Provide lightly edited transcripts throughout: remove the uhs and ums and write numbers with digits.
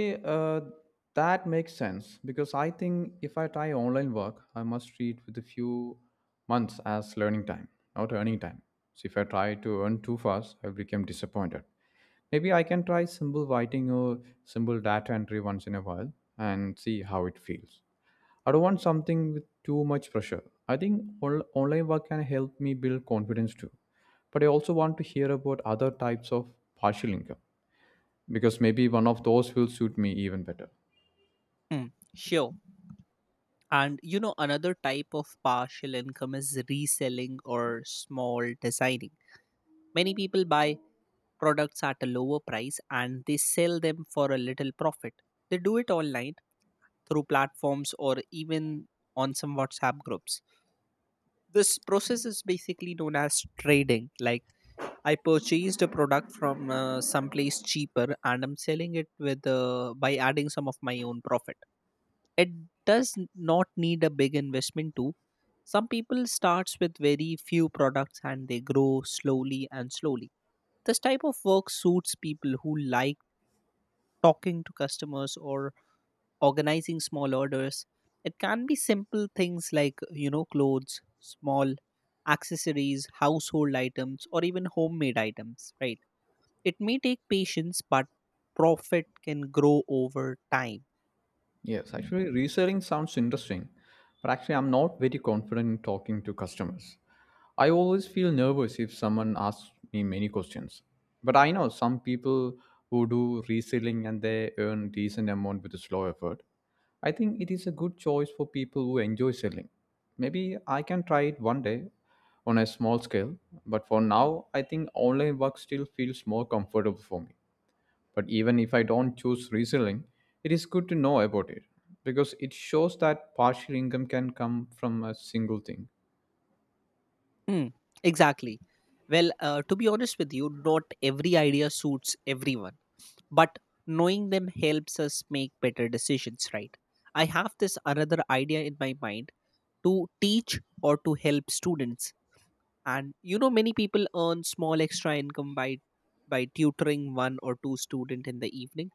Uh, that makes sense because I think if I try online work, I must treat with a few months as learning time, not earning time. So if I try to earn too fast, I become disappointed. Maybe I can try simple writing or simple data entry once in a while and see how it feels. I don't want something with too much pressure. I think online work can help me build confidence too. But I also want to hear about other types of partial income because maybe one of those will suit me even better. Hmm, sure. And you know, another type of partial income is reselling or small designing. Many people buy products at a lower price and they sell them for a little profit. They do it online through platforms or even on some WhatsApp groups. This process is basically known as trading. Like I purchased a product from someplace cheaper and I'm selling it with by adding some of my own profit. It does not need a big investment too. Some people starts with very few products and they grow slowly and slowly. This type of work suits people who like talking to customers or organizing small orders. It can be simple things like, you know, clothes, small accessories, household items, or even homemade items, right? It may take patience, but profit can grow over time. Yes, actually, reselling sounds interesting, but actually, I'm not very confident in talking to customers. I always feel nervous if someone asks me many questions. But I know some people who do reselling and they earn decent amount with a slow effort. I think it is a good choice for people who enjoy selling. Maybe I can try it one day on a small scale, but for now, I think online work still feels more comfortable for me. But even if I don't choose reselling, it is good to know about it because it shows that partial income can come from a single thing. Hmm, exactly. Well, to be honest with you, not every idea suits everyone, but knowing them helps us make better decisions, right? I have this another idea in my mind to teach or to help students. And you know, many people earn small extra income by tutoring one or two student in the evening,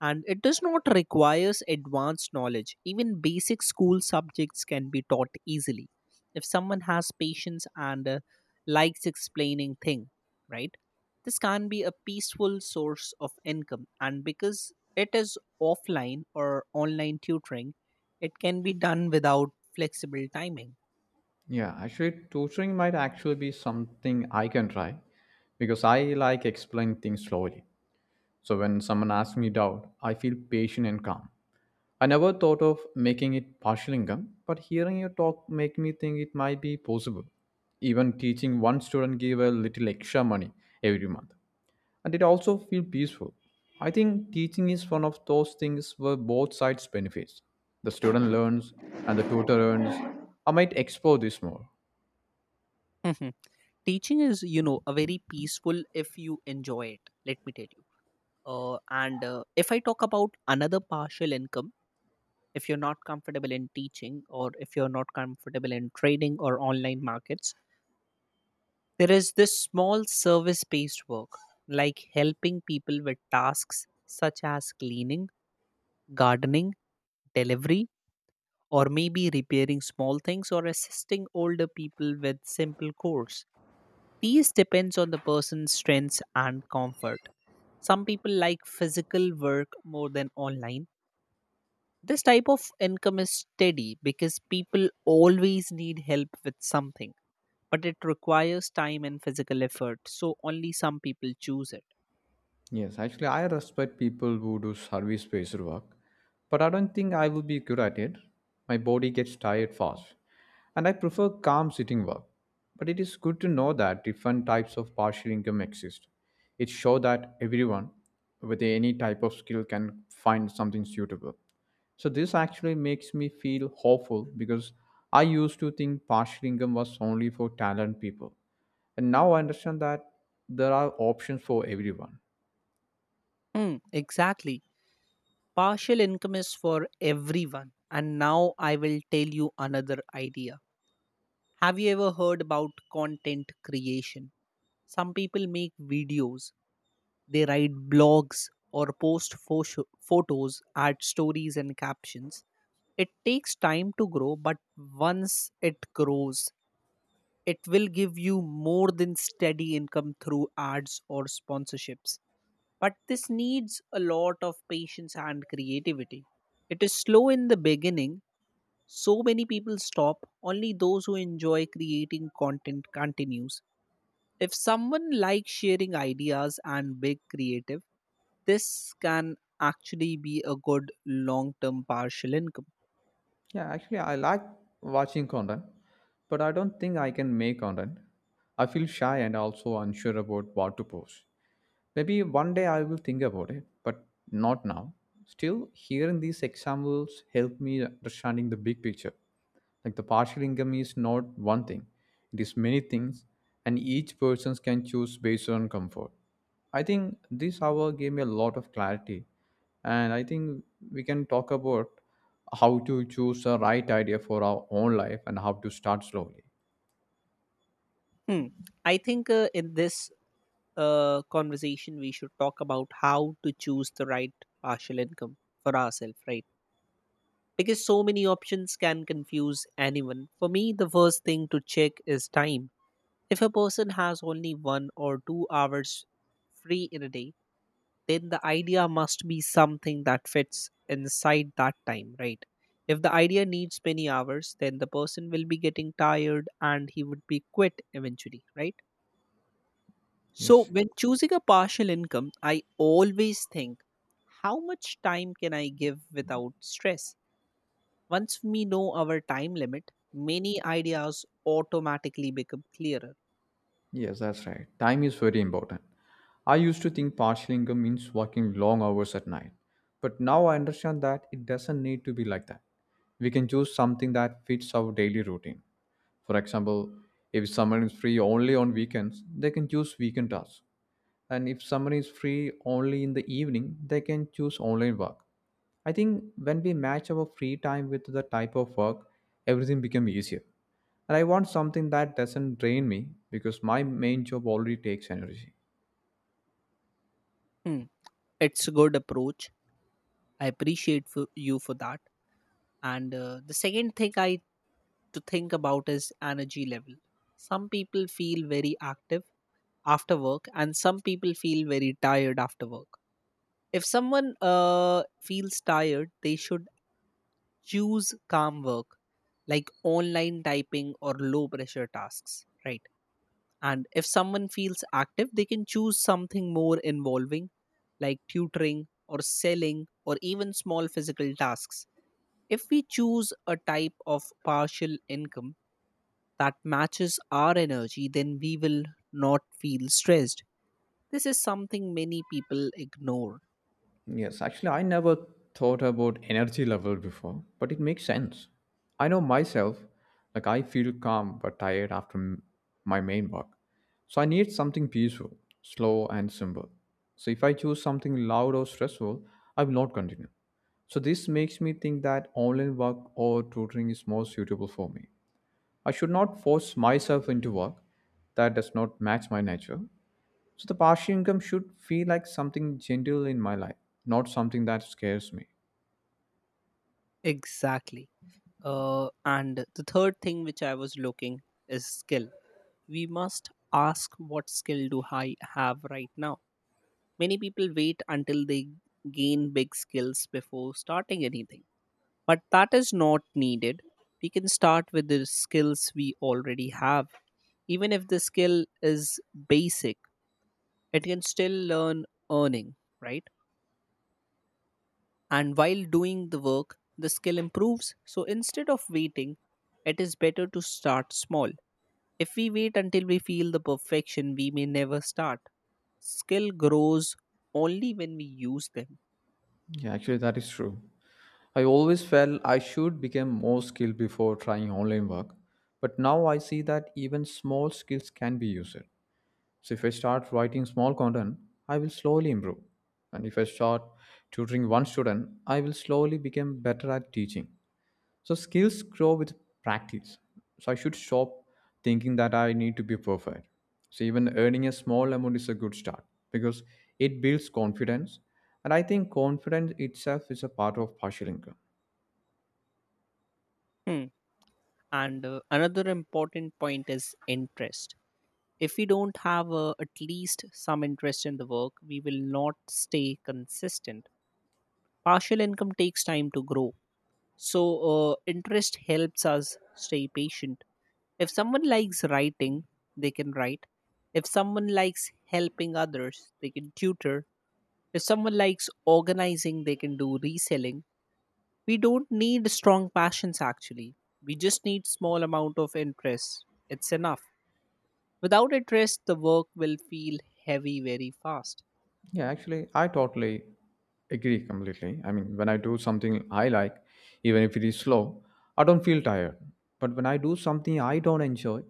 and it does not require advanced knowledge. Even basic school subjects can be taught easily if someone has patience and likes explaining thing, right? This can be a peaceful source of income, and because it is offline or online tutoring, it can be done without flexible timing. Yeah, actually, tutoring might actually be something I can try because I like explain things slowly. So when someone asks me doubt, I feel patient and calm. I never thought of making it partial income, but hearing your talk make me think it might be possible. Even teaching one student give a little extra money every month, and it also feel peaceful. I think teaching is one of those things where both sides benefits. The student learns and the tutor earns. I might explore this more. Mhm. Teaching is, you know, a very peaceful if you enjoy it, let me tell you. And if I talk about another partial income, if you're not comfortable in teaching or if you're not comfortable in trading or online markets, there is this small service based work like helping people with tasks such as cleaning, gardening, delivery, or maybe repairing small things or assisting older people with simple chores. These depends on the person's strengths and comfort. Some people like physical work more than online. This type of income is steady because people always need help with something, but it requires time and physical effort, so only some people choose it. Yes, actually, I respect people who do service based work, but I don't think I would be good at it. My body gets tired fast, and I prefer calm sitting work. But it is good to know that different types of partial income exist. It shows that everyone with any type of skill can find something suitable. So, this actually makes me feel hopeful because I used to think partial income was only for talent people. And now I understand that there are options for everyone. Hmm, exactly. Partial income is for everyone. And now I will tell you another idea. Have you ever heard about content creation? Some people make videos, they write blogs, or post photos, add stories and captions. It takes time to grow, but once it grows, it will give you more than steady income through ads or sponsorships. But this needs a lot of patience and creativity. It is slow in the beginning. So many people stop. Only those who enjoy creating content continues. If someone likes sharing ideas and big creative, this can actually be a good long term partial income. Yeah, actually, I like watching content, but I don't think I can make content. I feel shy and also unsure about what to post. Maybe one day I will think about it, but not now. Still, hearing these examples help me understanding the big picture. Like the partial income is not one thing, it is many things, and each person can choose based on comfort. I think this hour gave me a lot of clarity, and I think we can talk about how to choose a right idea for our own life and how to start slowly. Hmm. I think in this conversation, we should talk about how to choose the right partial income for ourselves, right? Because so many options can confuse anyone. For me, the first thing to check is time. If a person has only 1 or 2 hours free in a day, then the idea must be something that fits inside that time, right? If the idea needs many hours, then the person will be getting tired and he would be quit eventually, right? So, Yes. when choosing a partial income, I always think, how much time can I give without stress? Once we know our time limit, many ideas automatically become clearer. Yes, that's right. Time is very important. I used to think partial income means working long hours at night. But now I understand that it doesn't need to be like that. We can choose something that fits our daily routine. For example, if someone is free only on weekends, they can choose weekend tasks. And if someone is free only in the evening, they can choose online work. I think when we match our free time with the type of work, everything becomes easier. And I want something that doesn't drain me because my main job already takes energy. Hmm, it's a good approach. I appreciate for you for that. And the second thing I to think about is energy level. Some people feel very active after work, and some people feel very tired after work. If someone feels tired, they should choose calm work like online typing or low pressure tasks, right? And if someone feels active, they can choose something more involving like tutoring or selling or even small physical tasks. If we choose a type of partial income that matches our energy, then we will not feel stressed. This is something many people ignore. Yes, actually, I never thought about energy level before, but it makes sense. I know myself, like I feel calm but tired after my main work. So I need something peaceful, slow, and simple. So if I choose something loud or stressful, I will not continue. So this makes me think that online work or tutoring is more suitable for me. I should not force myself into work that does not match my nature. So the passive income should feel like something gentle in my life, not something that scares me. Exactly. And the third thing which I was looking is skill. We must ask what skill do I have right now. Many people wait until they gain big skills before starting anything, but that is not needed. We can start with the skills we already have. Even if the skill is basic, it can still learn earning, right? And while doing the work, the skill improves. So instead of waiting, it is better to start small. If we wait until we feel the perfection, we may never start. Skill grows only when we use them. Yeah, actually, that is true. I always felt I should become more skilled before trying online work, but now I see that even small skills can be used. So if I start writing small content, I will slowly improve. And if I start tutoring one student, I will slowly become better at teaching. So skills grow with practice. So I should stop thinking that I need to be perfect. So even earning a small amount is a good start because it builds confidence. And I think confidence itself is a part of partial income. Hmm. And another important point is interest. If we don't have at least some interest in the work, we will not stay consistent. Partial income takes time to grow, so interest helps us stay patient. If someone likes writing, they can write. If someone likes helping others, they can tutor. If someone likes organizing, they can do reselling. We don't need strong passions actually. We just need small amount of interest. It's enough. Without it rest, the work will feel heavy very fast. Yeah, actually, I totally agree completely. I mean, when I do something I like, even if it is slow, I don't feel tired. But when I do something I don't enjoy,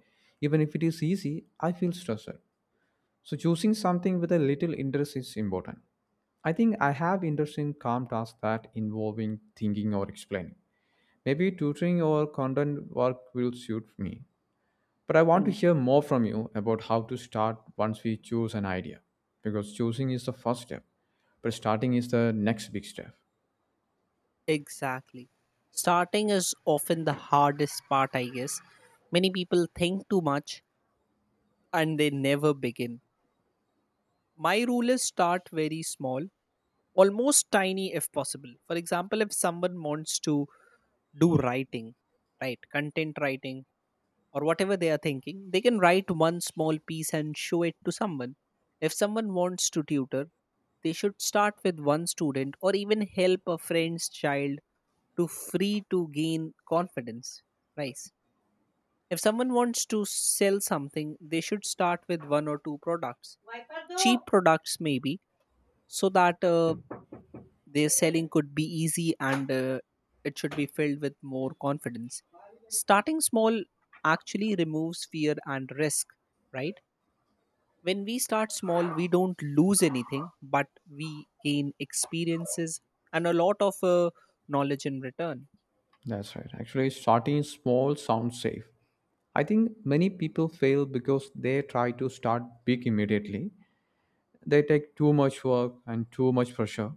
even if it is easy, I feel stressed. So choosing something with a little interest is important. I think I have interest in calm tasks that involving thinking or explaining. Maybe tutoring or content work will suit me. But I want to Hmm. hear more from you about how to start once we choose an idea. Because choosing is the first step, but starting is the next big step. Exactly. Starting is often the hardest part, I guess. Many people think too much and they never begin. My rule is start very small, almost tiny if possible. For example, if someone wants to do writing, right, content writing, or whatever they are thinking, they can write one small piece and show it to someone. If someone wants to tutor, they should start with one student or even help a friend's child to free to gain confidence. Nice. If someone wants to sell something, they should start with one or two products, cheap products maybe, so that their selling could be easy and it should be filled with more confidence. Starting small actually removes fear and risk, right? When we start small, we don't lose anything, but we gain experiences and a lot of knowledge in return. That's right. Actually, starting small sounds safe. I think many people fail because they try to start big immediately, they take too much work and too much pressure,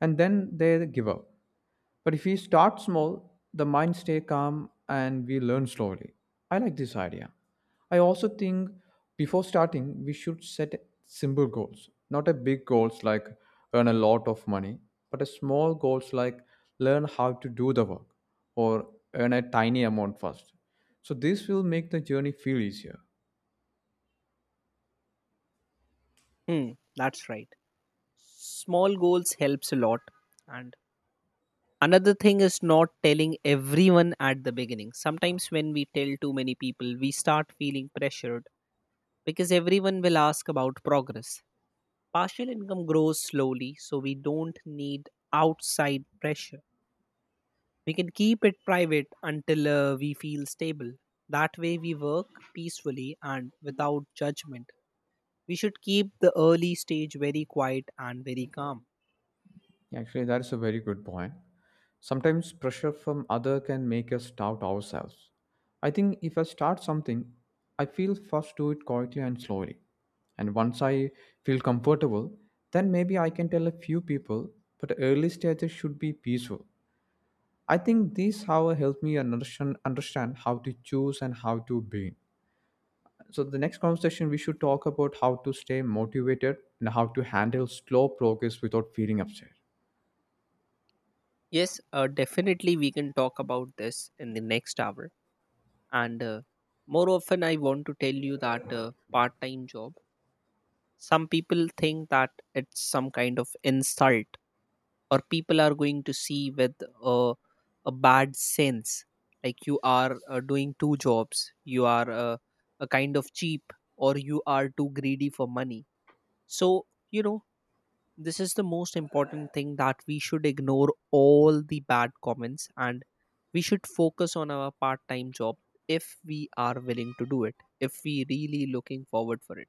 and then they give up. But if we start small, the mind stay calm and we learn slowly. I like this idea. I also think before starting we should set simple goals, not a big goals like earn a lot of money, but a small goals like learn how to do the work or earn a tiny amount first. So this will make the journey feel easier. Hmm, that's right. Small goals helps a lot. And another thing is not telling everyone at the beginning. Sometimes when we tell too many people we start feeling pressured, because everyone will ask about progress. Partial income grows slowly, so we don't need outside pressure. We can keep it private until we feel stable. That way we work peacefully and without judgment. We should keep the early stage very quiet and very calm. Actually, that is a very good point. Sometimes pressure from other can make us doubt ourselves. I think if I start something, I feel first do it quietly and slowly. And once I feel comfortable, then maybe I can tell a few people, but early stages should be peaceful. I think this how helped me understand how to choose and how to be. So the next conversation we should talk about how to stay motivated and how to handle slow progress without feeling upset. Yes, definitely we can talk about this in the next hour. And more often, I want to tell you that part time job, some people think that it's some kind of insult, or people are going to see with a, a bad sense. Like you are doing two jobs, you are a kind of cheap, or you are too greedy for money. So, you know, this is the most important thing, that we should ignore all the bad comments and we should focus on our part time job if we are willing to do it, if we really looking forward for it.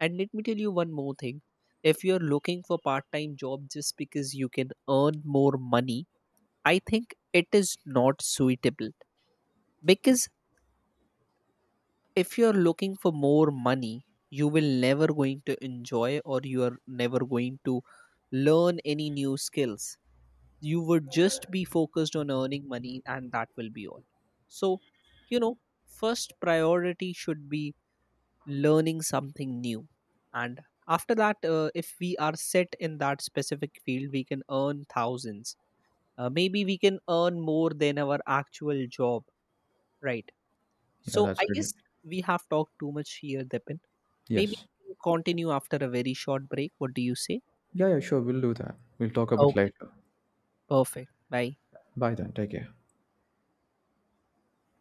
And let me tell you one more thing. If you're looking for part time job just because you can earn more money, I think it is not suitable, because if you're looking for more money, you will never going to enjoy or you are never going to learn any new skills. You would just be focused on earning money and that will be all. So, you know, first priority should be learning something new, and after that if we are set in that specific field we can earn thousands. Maybe we can earn more than our actual job, right? So Yeah, I that's really— guess we have talked too much here depend. Maybe Yes. we can continue after a very short break. What do you say? Yeah, yeah, sure. We'll do that. We'll talk about Okay, later. perfect. Bye. Bye then. Take care.